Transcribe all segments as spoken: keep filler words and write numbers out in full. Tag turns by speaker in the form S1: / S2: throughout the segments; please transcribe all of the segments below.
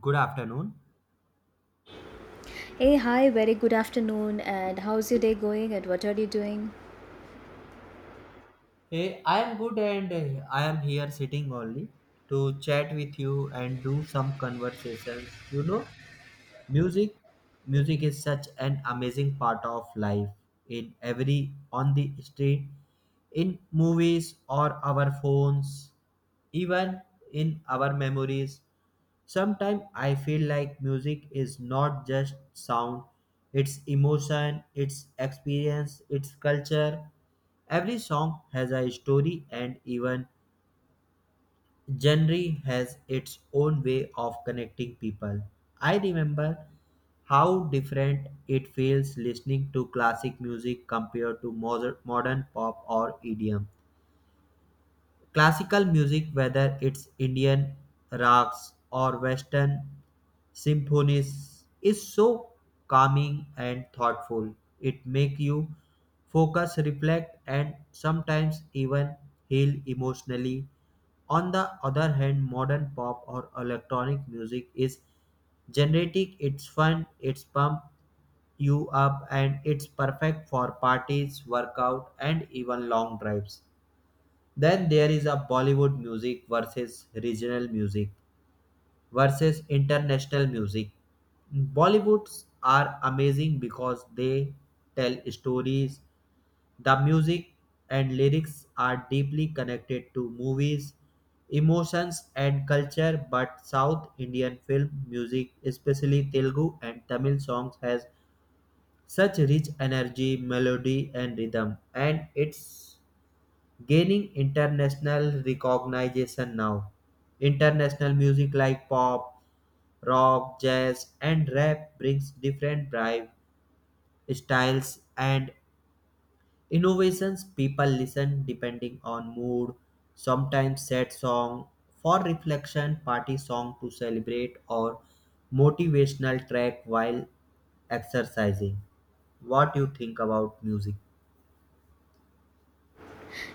S1: Good afternoon.
S2: Hey, hi, very good afternoon, and how's your day going, and what are you doing?
S1: Eh, I am good, and eh, I am here sitting only to chat with you and do some conversations. You know, music music is such an amazing part of life, in every on the street, in movies or our phones, even in our memories. Sometimes I feel like music is not just sound, it's emotion, it's experience, it's culture. Every song has a story, and even genre has its own way of connecting people. I remember how different it feels listening to classic music compared to moder- modern pop or E D M. Classical music, whether it's Indian rocks or Western symphonies, is so calming and thoughtful. It makes you focus, reflect, and sometimes even heal emotionally. On the other hand, modern pop or electronic music is generic, it's fun, it's pump you up, and it's perfect for parties, workout, and even long drives. Then there is a Bollywood music versus regional music versus international music. Bollywoods are amazing because they tell stories. The music and lyrics are deeply connected to movies, emotions, and culture. But South Indian film music, especially Telugu and Tamil songs, has such rich energy, melody, and rhythm, and it's gaining international recognition now. International music like pop, rock, jazz, and rap brings different drive, styles, and innovations people listen depending on mood. Sometimes sad song for reflection, party song to celebrate, or motivational track while exercising. What do you think about music?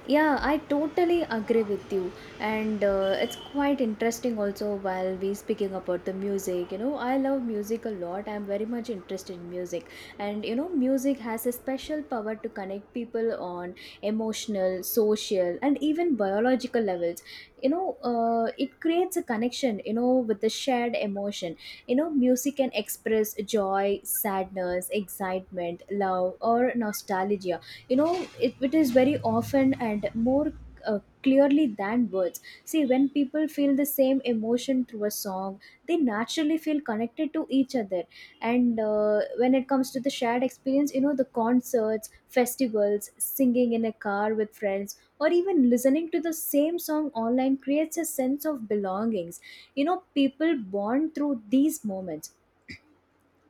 S2: Yeah, I totally agree with you. And uh, it's quite interesting also while we speaking about the music. You know, I love music a lot. I'm very much interested in music. And you know, music has a special power to connect people on emotional, social, and even biological levels. You know, uh, it creates a connection, you know, with the shared emotion. You know, music can express joy, sadness, excitement, love, or nostalgia. You know it, it is very often and more uh, clearly than words. See, when people feel the same emotion through a song, they naturally feel connected to each other. And uh, when it comes to the shared experience, you know, the concerts, festivals, singing in a car with friends, or even listening to the same song online creates a sense of belongings. You know, people bond through these moments.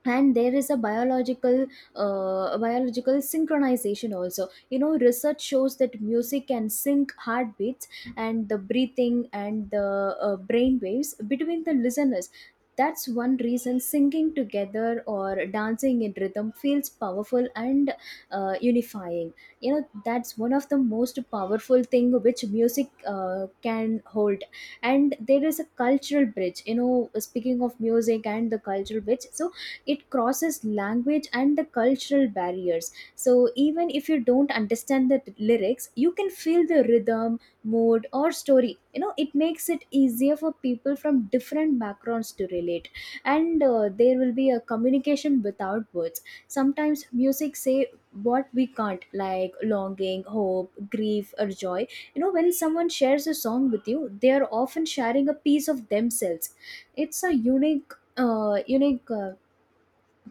S2: And there is a biological uh, biological synchronization also. You know, research shows that music can sync heartbeats, and the breathing, and the uh, brain waves between the listeners. That's one reason singing together or dancing in rhythm feels powerful and uh, unifying. You know, that's one of the most powerful thing which music uh, can hold. And there is a cultural bridge. You know, speaking of music and the cultural bridge, so it crosses language and the cultural barriers. So even if you don't understand the lyrics, you can feel the rhythm, mood, or story. You know, it makes it easier for people from different backgrounds to relate. And uh, there will be a communication without words. Sometimes music say what we can't, like longing, hope, grief, or joy. You know, when someone shares a song with you, they are often sharing a piece of themselves. It's a unique uh, unique uh,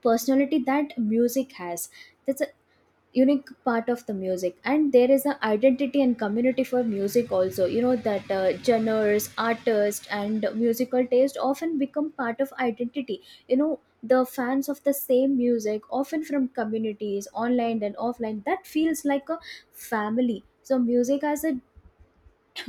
S2: personality that music has. That's a unique part of the music. And there is a identity and community for music also. You know that uh, genres, artists, and musical taste often become part of identity. You know, the fans of the same music often from communities online and offline that feels like a family. So music as a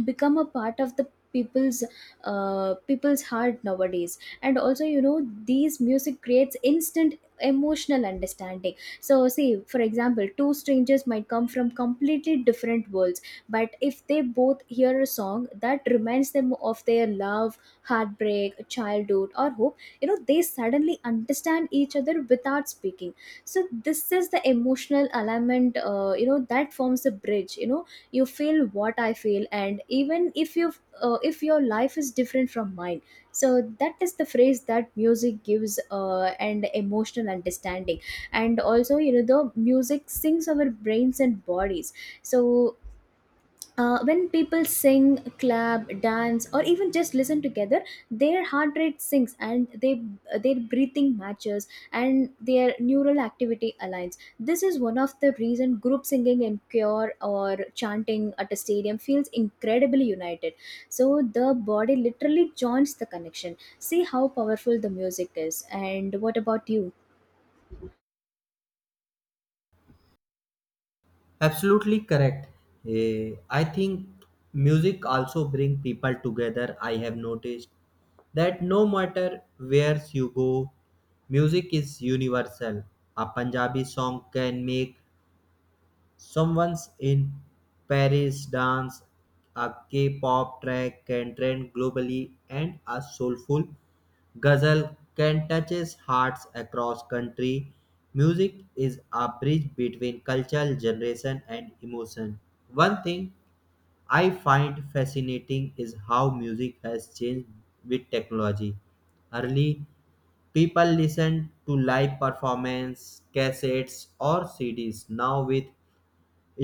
S2: become a part of the people's uh, people's heart nowadays. And also, you know, these music creates instant emotional understanding. So see, for example, two strangers might come from completely different worlds, but if they both hear a song that reminds them of their love, heartbreak, childhood, or hope, you know, they suddenly understand each other without speaking. So this is the emotional alignment, uh, you know, that forms a bridge. You know, you feel what I feel, and even if you uh, if your life is different from mine. So that is the phrase that music gives, uh, and emotional understanding. And also, you know, the music sings our brains and bodies. So uh, when people sing, clap, dance, or even just listen together, their heart rate sinks, and they uh, their breathing matches, and their neural activity aligns. This is one of the reason group singing in choir or chanting at a stadium feels incredibly united. So the body literally joins the connection. See how powerful the music is. And what about you?
S1: Absolutely correct. Eh, I think music also bring people together. I have noticed that no matter where you go, music is universal. A Punjabi song can make someone's in Paris dance, a K-pop track can trend globally, and a soulful Ghazal can touches hearts across country. Music is a bridge between cultural generation and emotion. One thing I find fascinating is how music has changed with technology. Early, people listen to live performance, cassettes, or C Ds. Now, with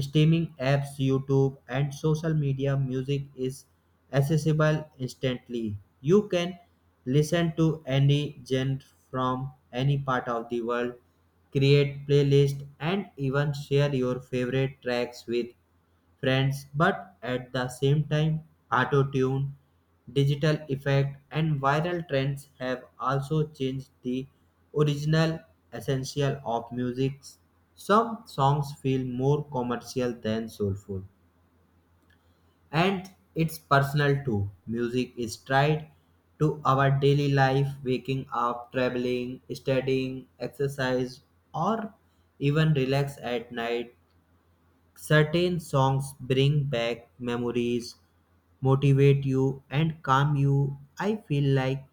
S1: streaming apps, YouTube, and social media music is accessible instantly. You can listen to any genre from any part of the world, create playlists, and even share your favorite tracks with friends, but at the same time, auto tune, digital effect, and viral trends have also changed the original essential of music. Some songs feel more commercial than soulful, and it's personal too. Music is tied to our daily life, waking up, traveling, studying, exercise, or even relax at night. Certain songs bring back memories, motivate you, and calm you. I feel like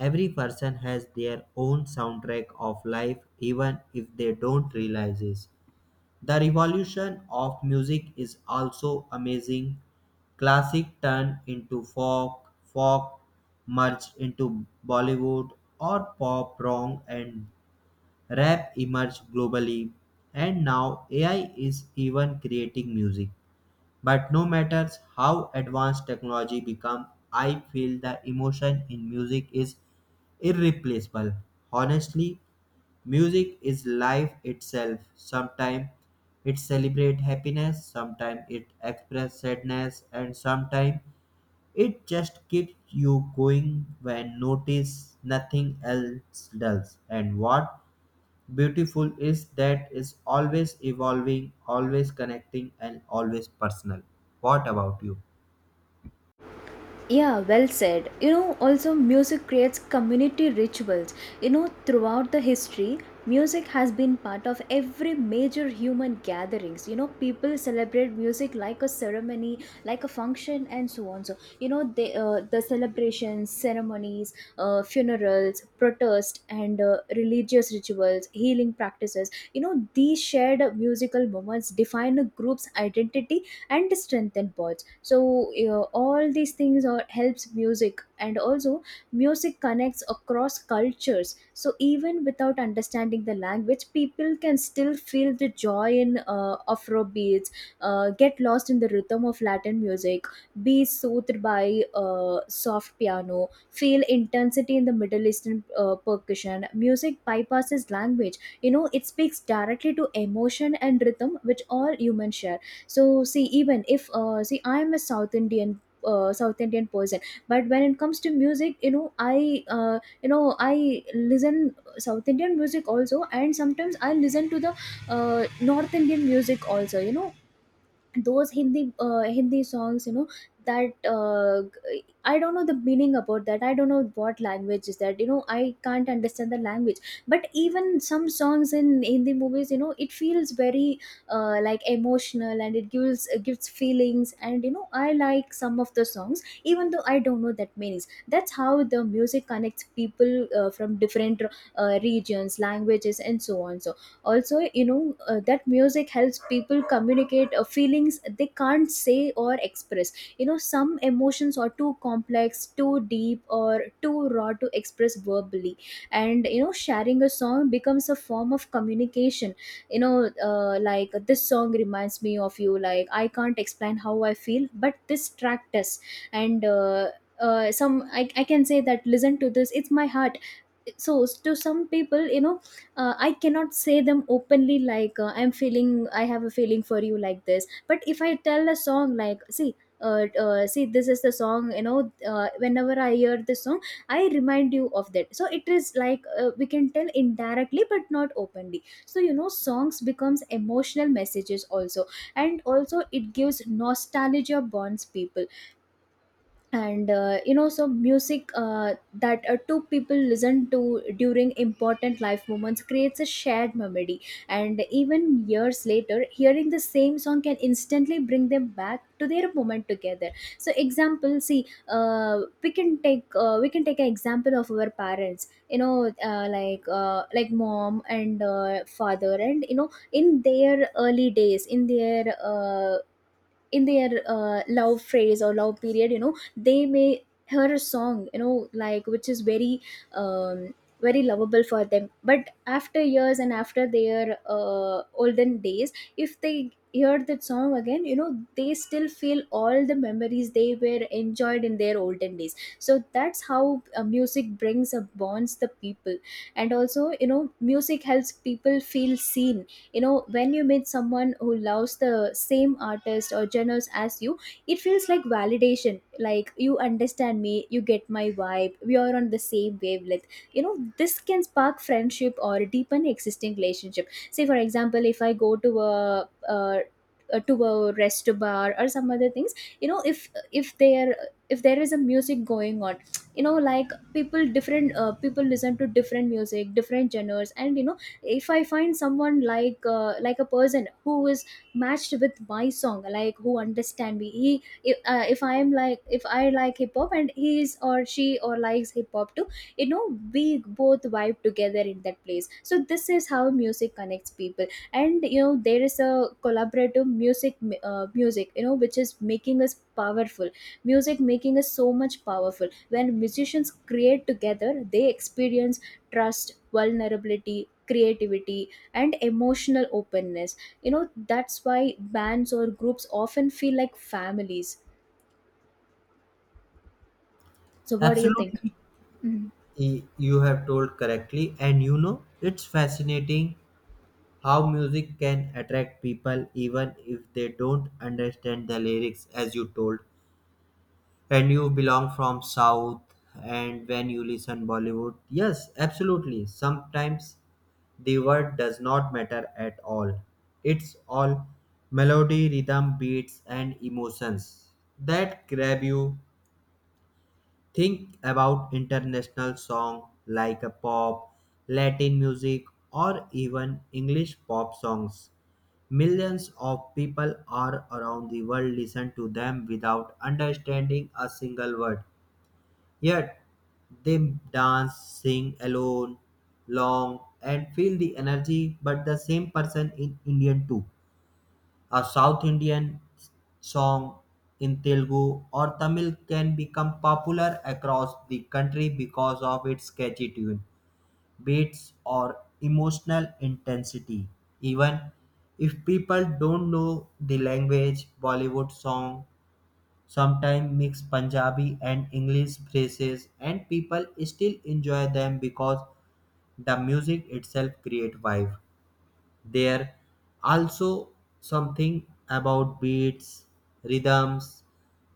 S1: every person has their own soundtrack of life, even if they don't realize it. The revolution of music is also amazing. Classic turned into folk, folk merged into Bollywood or pop, wrong, and rap emerged globally, and now A I is even creating music. But no matter how advanced technology becomes, I feel the emotion in music is irreplaceable. Honestly, music is life itself. Sometimes it celebrates happiness, sometimes it expresses sadness, and sometimes it just keeps you going when notice nothing else does. And what beautiful is that is always evolving, always connecting, and always personal. What about you?
S2: Yeah, well said. You know, also music creates community rituals. You know, throughout the history, music has been part of every major human gatherings. You know, people celebrate music like a ceremony, like a function, and so on. So, you know, they, uh, the celebrations, ceremonies, uh, funerals, protest, and uh, religious rituals, healing practices. You know, these shared musical moments define a group's identity and strengthen bonds. So uh, all these things are, helps music. And also, music connects across cultures. So even without understanding the language, people can still feel the joy in uh, afro beats, uh, get lost in the rhythm of latin music, be soothed by uh, soft piano, feel intensity in the middle eastern uh, percussion. Music bypasses language. You know, it speaks directly to emotion and rhythm, which all humans share. So see, even if uh, see, I am a south indian, uh, south indian person. But when it comes to music, you know, I uh, you know, I listen south indian music also, and sometimes I listen to the uh, north indian music also. You know, those hindi uh, hindi songs, you know, that uh, g- I don't know the meaning about that. I don't know what language is that. You know, I can't understand the language. But even some songs in hindi movies, you know, it feels very uh, like emotional, and it gives it gives feelings. And you know, I like some of the songs even though I don't know that meanings. That's how the music connects people, uh, from different uh, regions, languages, and so on. So also, you know, uh, that music helps people communicate uh, feelings they can't say or express. You know, some emotions are too complex, too deep, or too raw to express verbally. And you know, sharing a song becomes a form of communication. You know, uh, like, this song reminds me of you. Like, I can't explain how I feel, but this track does. And uh, uh, some I, I can say that, listen to this, it's my heart. So to some people, you know, uh, I cannot say them openly like, uh, I'm feeling, I have a feeling for you like this. But if I tell a song like, see, uh, uh, see, this is the song. You know, uh, whenever I hear this song, I remind you of that. So it is like, uh, we can tell indirectly but not openly. So you know, songs becomes emotional messages also. And also, it gives nostalgia, bonds people. And uh, you know, so music uh, that uh, two people listen to during important life moments creates a shared memory. And even years later, hearing the same song can instantly bring them back to their moment together. So example, see, uh, we can take uh, we can take an example of our parents. You know, uh, like uh, like mom and uh, father. And you know, in their early days, in their uh, in their uh, love phase or love period, you know, they may hear a song, you know, like, which is very um, very lovable for them. But after years, and after their uh, olden days, if they hear that song again, you know, they still feel all the memories they were enjoyed in their olden days. So that's how uh, music brings up bonds the people. And also, you know, music helps people feel seen. You know, when you meet someone who loves the same artist or genres as you, it feels like validation. Like, you understand me, you get my vibe, we are on the same wavelength. You know, this can spark friendship or deepen existing relationship. Say, for example, if I go to a, a uh, to a rest bar or some other things, you know, if if there, if there is a music going on, you know, like, people, different uh, people listen to different music, different genres. And you know, if I find someone like, uh, like a person who is matched with my song, like, who understand me. He if, uh, If I am like, if I like hip hop, and he is or she or likes hip hop too, you know, we both vibe together in that place. So this is how music connects people. And you know, there is a collaborative music, uh, music, you know, which is making us powerful. Music making is so much powerful. When musicians create together, they experience trust, vulnerability, creativity, and emotional openness. You know, that's why bands or groups often feel like families. So what do you think?
S1: Absolutely,
S2: Mm-hmm.
S1: y- you have told correctly, and you know, it's fascinating how music can attract people even if they don't understand the lyrics, as you told. And you belong from south, and when you listen bollywood, yes, absolutely, sometimes the word does not matter at all, it's all melody, rhythm, beats, and emotions that grab you. Think about international song like a pop, latin music, or even english pop songs. Millions of people are around the world listen to them without understanding a single word. Yet they dance, sing alone, long, and feel the energy. But the same person in Indian too, a South Indian song in Telugu or Tamil can become popular across the country because of its catchy tune, beats, or emotional intensity. Even if people don't know the language, Bollywood song sometimes mix Punjabi and English phrases and people still enjoy them because the music itself create vibe. There also something about beats, rhythms,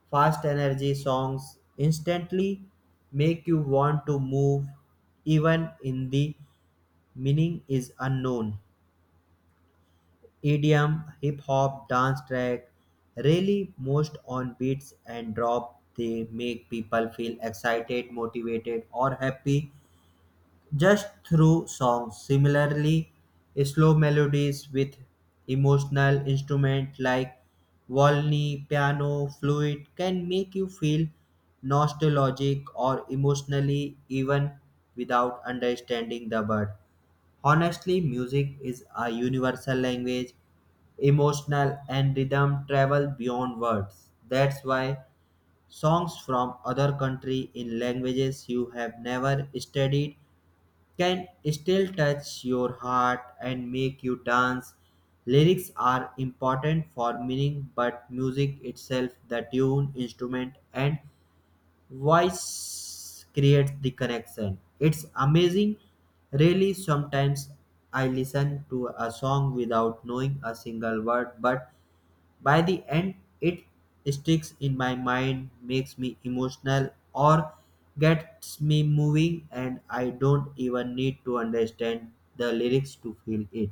S1: fast energy songs instantly make you want to move even in the meaning is unknown. E D M, hip hop, dance track, really most on beats and drop. They make people feel excited, motivated, or happy just through songs. Similarly, slow melodies with emotional instruments like Volney, piano, flute can make you feel nostalgic or emotionally even without understanding the word. Honestly, music is a universal language, emotional and rhythm travel beyond words. That's why songs from other country in languages you have never studied can still touch your heart and make you dance. Lyrics are important for meaning, but music itself, the tune, instrument, and voice creates the connection. It's amazing. Really, sometimes I listen to a song without knowing a single word, but by the end it sticks in my mind, makes me emotional, or gets me moving, and I don't even need to understand the lyrics to feel it.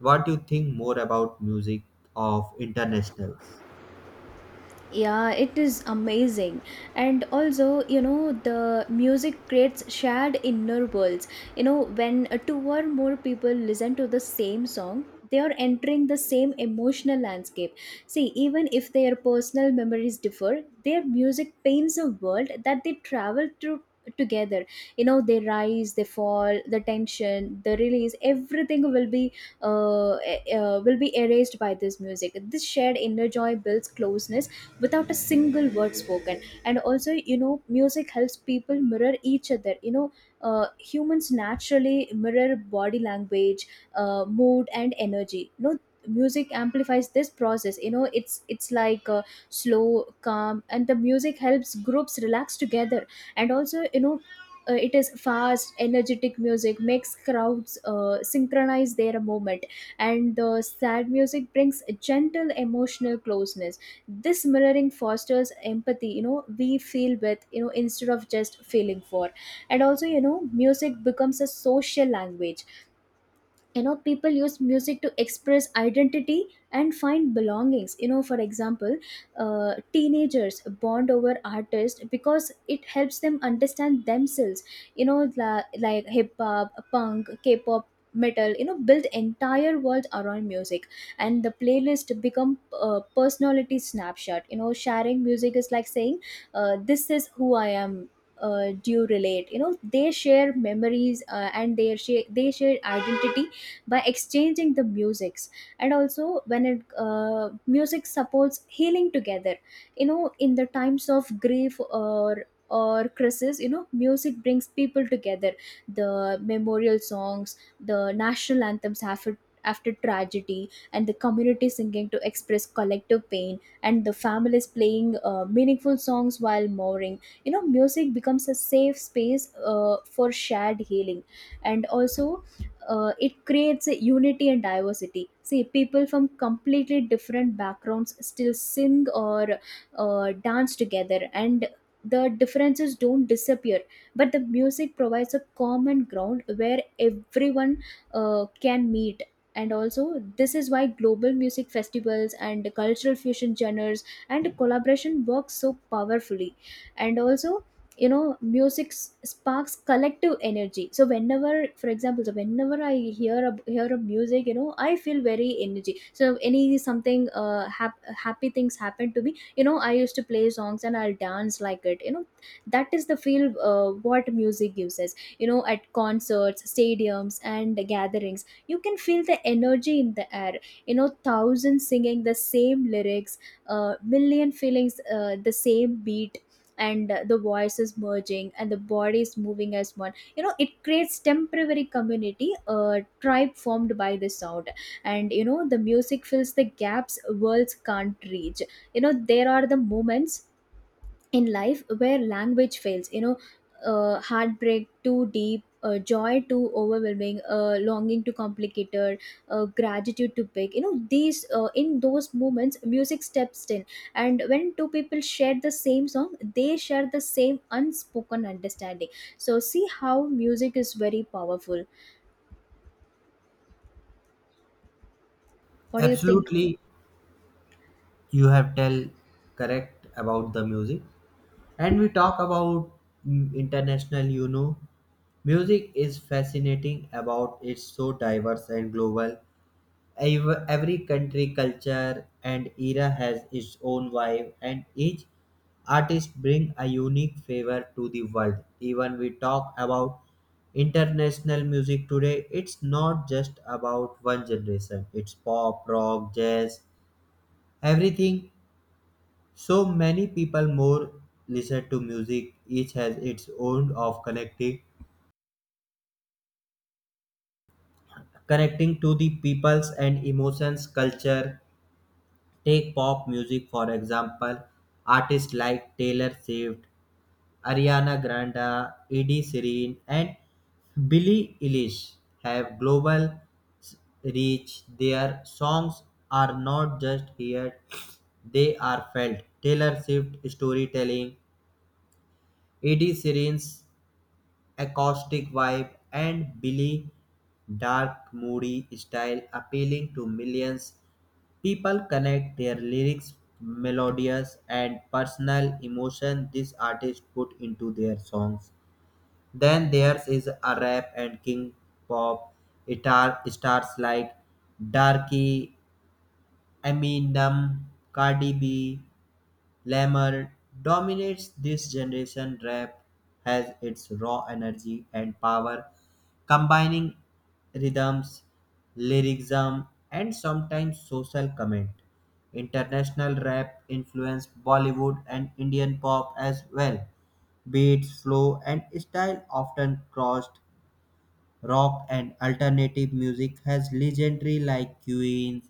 S1: What do you think more about music of internationals?
S2: Yeah, it is amazing. And also, you know, the music creates shared inner worlds. You know, when uh, two or more people listen to the same song, they are entering the same emotional landscape. See, even if their personal memories differ, their music paints a world that they travel through together. You know, they rise, they fall, the tension, the release, everything will be uh, uh, will be erased by this music. This shared inner joy builds closeness without a single word spoken. And also, you know, music helps people mirror each other. You know uh, humans naturally mirror body language, uh, mood and energy. You know, music amplifies this process. You know it's it's like uh, slow, calm, and the music helps groups relax together. And also, you know, uh, it is fast energetic music makes crowds uh, synchronize their movement, and the sad music brings a gentle emotional closeness. This mirroring fosters empathy. You know, we feel with, you know, instead of just feeling for. And also, you know, music becomes a social language. You know, people use music to express identity and find belongings. You know, for example, uh, teenagers bond over artists because it helps them understand themselves. You know, la- like hip hop, punk, k-pop, metal, you know, build entire world around music. And the playlist become uh, personality snapshot. You know, sharing music is like saying, uh, this is who I am. Uh, do you relate? You know, they share memories, uh, and they share, they share identity by exchanging the musics. And also when it uh, music supports healing together. You know, in the times of grief or or crisis, you know, music brings people together. The memorial songs, the national anthems after after tragedy, and the community singing to express collective pain, and the families playing uh, meaningful songs while mourning. You know, music becomes a safe space uh, for shared healing. And also, uh, it creates a unity and diversity. See, people from completely different backgrounds still sing or uh, dance together, and the differences don't disappear, but the music provides a common ground where everyone uh, can meet. And also, this is why global music festivals and cultural fusion genres and collaboration work so powerfully. And also, you know, music s- sparks collective energy. So whenever, for example, so whenever I hear a, hear a music, you know, I feel very energy. So any something uh, hap- happy things happen to me, you know, I used to play songs and I'll dance like it, you know. That is the feel uh, what music gives us. You know, at concerts, stadiums and gatherings, you can feel the energy in the air. You know, thousands singing the same lyrics, uh, million feelings, uh, the same beat, and uh, the voice is merging and the body is moving as one. You know, it creates temporary community, a tribe formed by the sound. And you know, the music fills the gaps worlds can't reach. You know, there are the moments in life where language fails. You know, uh, heartbreak too deep, uh, joy too overwhelming, uh, longing too complicated, uh, gratitude too big. You know, these uh, in those moments music steps in. And when two people share the same song, they share the same unspoken understanding. So see how music is very powerful. What do you think?
S1: Absolutely, you have tell correct about the music, and we talk about mm, international. You know, music is fascinating about it's so diverse and global. Ev- every country culture and era has its own vibe, and each artist bring a unique flavor to the world. Even we talk about international music today, it's not just about one generation, it's pop, rock, jazz, everything. So many people more listen to music. Each has its own of connecting, connecting to the peoples and emotions, culture. Take pop music for example. Artists like Taylor Swift, Ariana Grande, Eddie Serene, and Billie Eilish have global s- reach. Their songs are not just heard; they are felt. Taylor Swift storytelling, Eddie Serene's acoustic vibe, and Billy dark moody style appealing to millions. People connect their lyrics, melodious and personal emotion this artist put into their songs. Then theirs is a rap and king pop guitar stars like Darky, Eminem, Cardi B, Lemmer dominates this generation. Rap has its raw energy and power, combining rhythms, lyricism, and sometimes social comment. International rap influenced Bollywood and Indian pop as well. Beats, flow, and style often crossed rock and alternative music has legendary like Queen,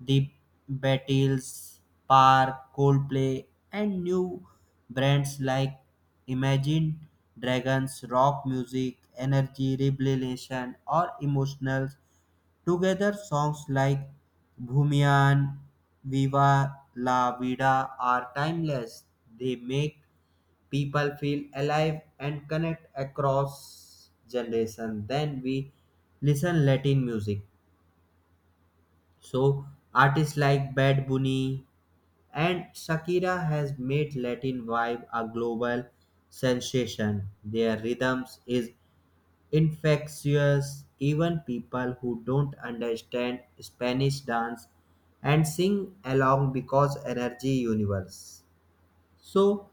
S1: The Beatles, Park, Coldplay, and new brands like Imagine Dragons, rock music, energy, rebellion, or emotional. Together, songs like Bhumiyan, Viva La Vida are timeless. They make people feel alive and connect across generation. Then we listen latin music, so artists like Bad Bunny and Shakira has made latin vibe a global sensation. Their rhythms is infectious, even people who don't understand spanish dance and sing along because energy universe. So,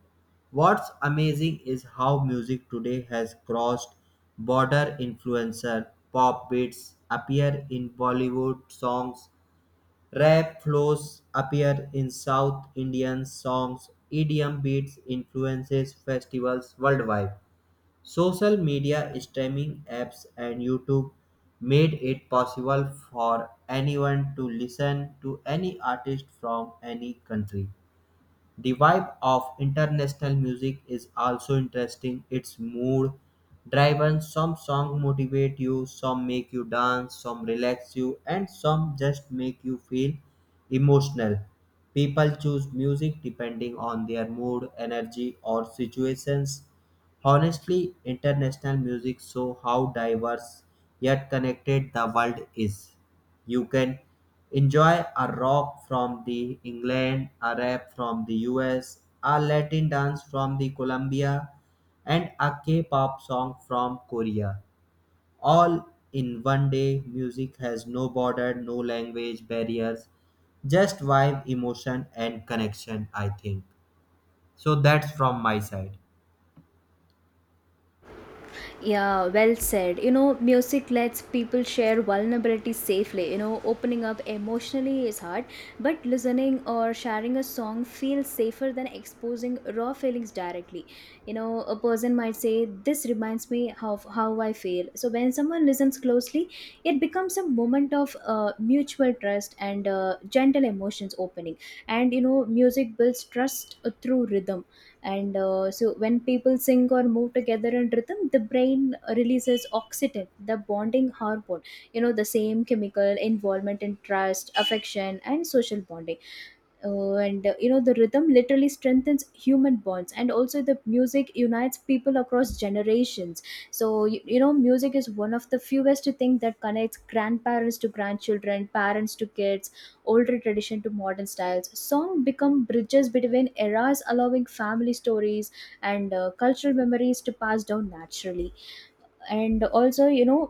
S1: what's amazing is how music today has crossed border influencer. Pop beats appear in Bollywood songs, rap flows appear in South Indian songs, E D M beats influences festivals worldwide. Social media, streaming apps, and YouTube made it possible for anyone to listen to any artist from any country. The vibe of international music is also interesting. It's mood driven. Some songs motivate you, some make you dance, some relax you, and some just make you feel emotional. People choose music depending on their mood, energy, or situations. Honestly, international music show how diverse yet connected the world is. You can enjoy a rock from the England, a rap from the U S, a Latin dance from the Colombia, and a K-pop song from Korea. All in one day, music has no border, no language barriers, just vibe, emotion, and connection. I think so. That's from my side.
S2: Yeah, well said. You know, music lets people share vulnerability safely. You know, opening up emotionally is hard, but listening or sharing a song feels safer than exposing raw feelings directly. You know, a person might say, this reminds me of how I feel. So when someone listens closely, it becomes a moment of uh, mutual trust and uh, gentle emotions opening. And, you know, music builds trust uh, through rhythm and uh, so when people sing or move together in rhythm, the brain releases oxytocin, the bonding hormone. You know, the same chemical involvement in trust, affection and social bonding. Uh, and uh, You know, the rhythm literally strengthens human bonds. And also, the music unites people across generations. So you, you know music is one of the fewest things that connects grandparents to grandchildren, parents to kids, older tradition to modern styles. Song become bridges between eras, allowing family stories and uh, cultural memories to pass down naturally. And also, you know,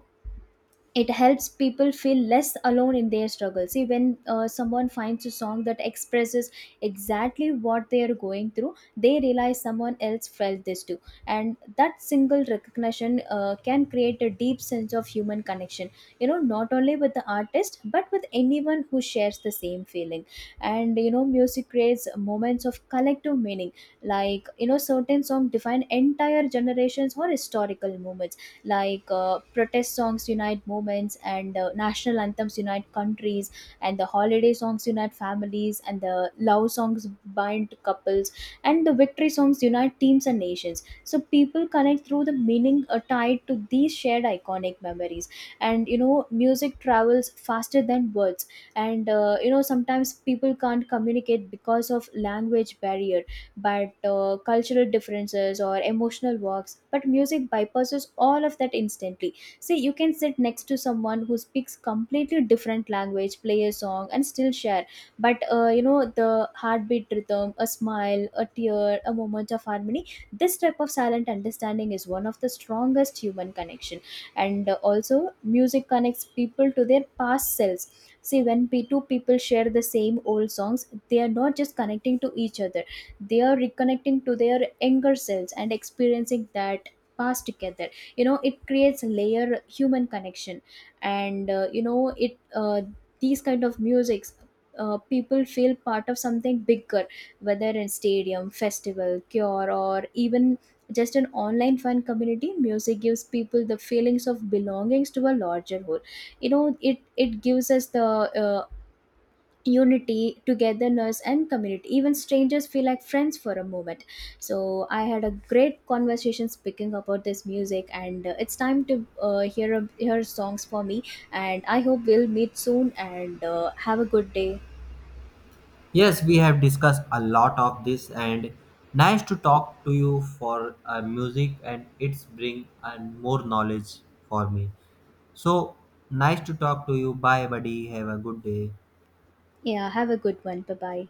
S2: it helps people feel less alone in their struggle. See, when uh, someone finds a song that expresses exactly what they are going through, they realize someone else felt this too. And that single recognition uh, can create a deep sense of human connection. You know, not only with the artist, but with anyone who shares the same feeling. And you know, music creates moments of collective meaning. Like, you know, certain songs define entire generations or historical moments. Like, uh, protest songs unite movements, and uh, national anthems unite countries, and the holiday songs unite families, and the love songs bind couples, and the victory songs unite teams and nations. So people connect through the meaning uh, tied to these shared iconic memories. And you know, music travels faster than words. And uh, you know, sometimes people can't communicate because of language barrier, but uh, cultural differences or emotional walks, but music bypasses all of that instantly. See, you can sit next to someone who speaks completely different language, play a song and still share. But uh, you know, the heartbeat rhythm, a smile, a tear, a moment of harmony. This type of silent understanding is one of the strongest human connection. And uh, also, music connects people to their past selves. See, when p two people share the same old songs, they are not just connecting to each other, they are reconnecting to their younger selves and experiencing that past together. You know, it creates a layer human connection. And uh, you know, it uh, these kind of musics, uh, people feel part of something bigger, whether in stadium, festival, cure, or even just an online fan community. Music gives people the feelings of belongings to a larger whole. You know it it gives us the uh, unity, togetherness and community. Even strangers feel like friends for a moment. So I had a great conversation speaking about this music, and uh, it's time to uh, hear a, hear songs for me. And I hope we'll meet soon, and uh, have a good day.
S1: Yes, we have discussed a lot of this, and nice to talk to you for uh, music, and it's bring and more knowledge for me. So nice to talk to you. Bye buddy. Have a good day.
S2: Yeah, have a good one. Bye bye.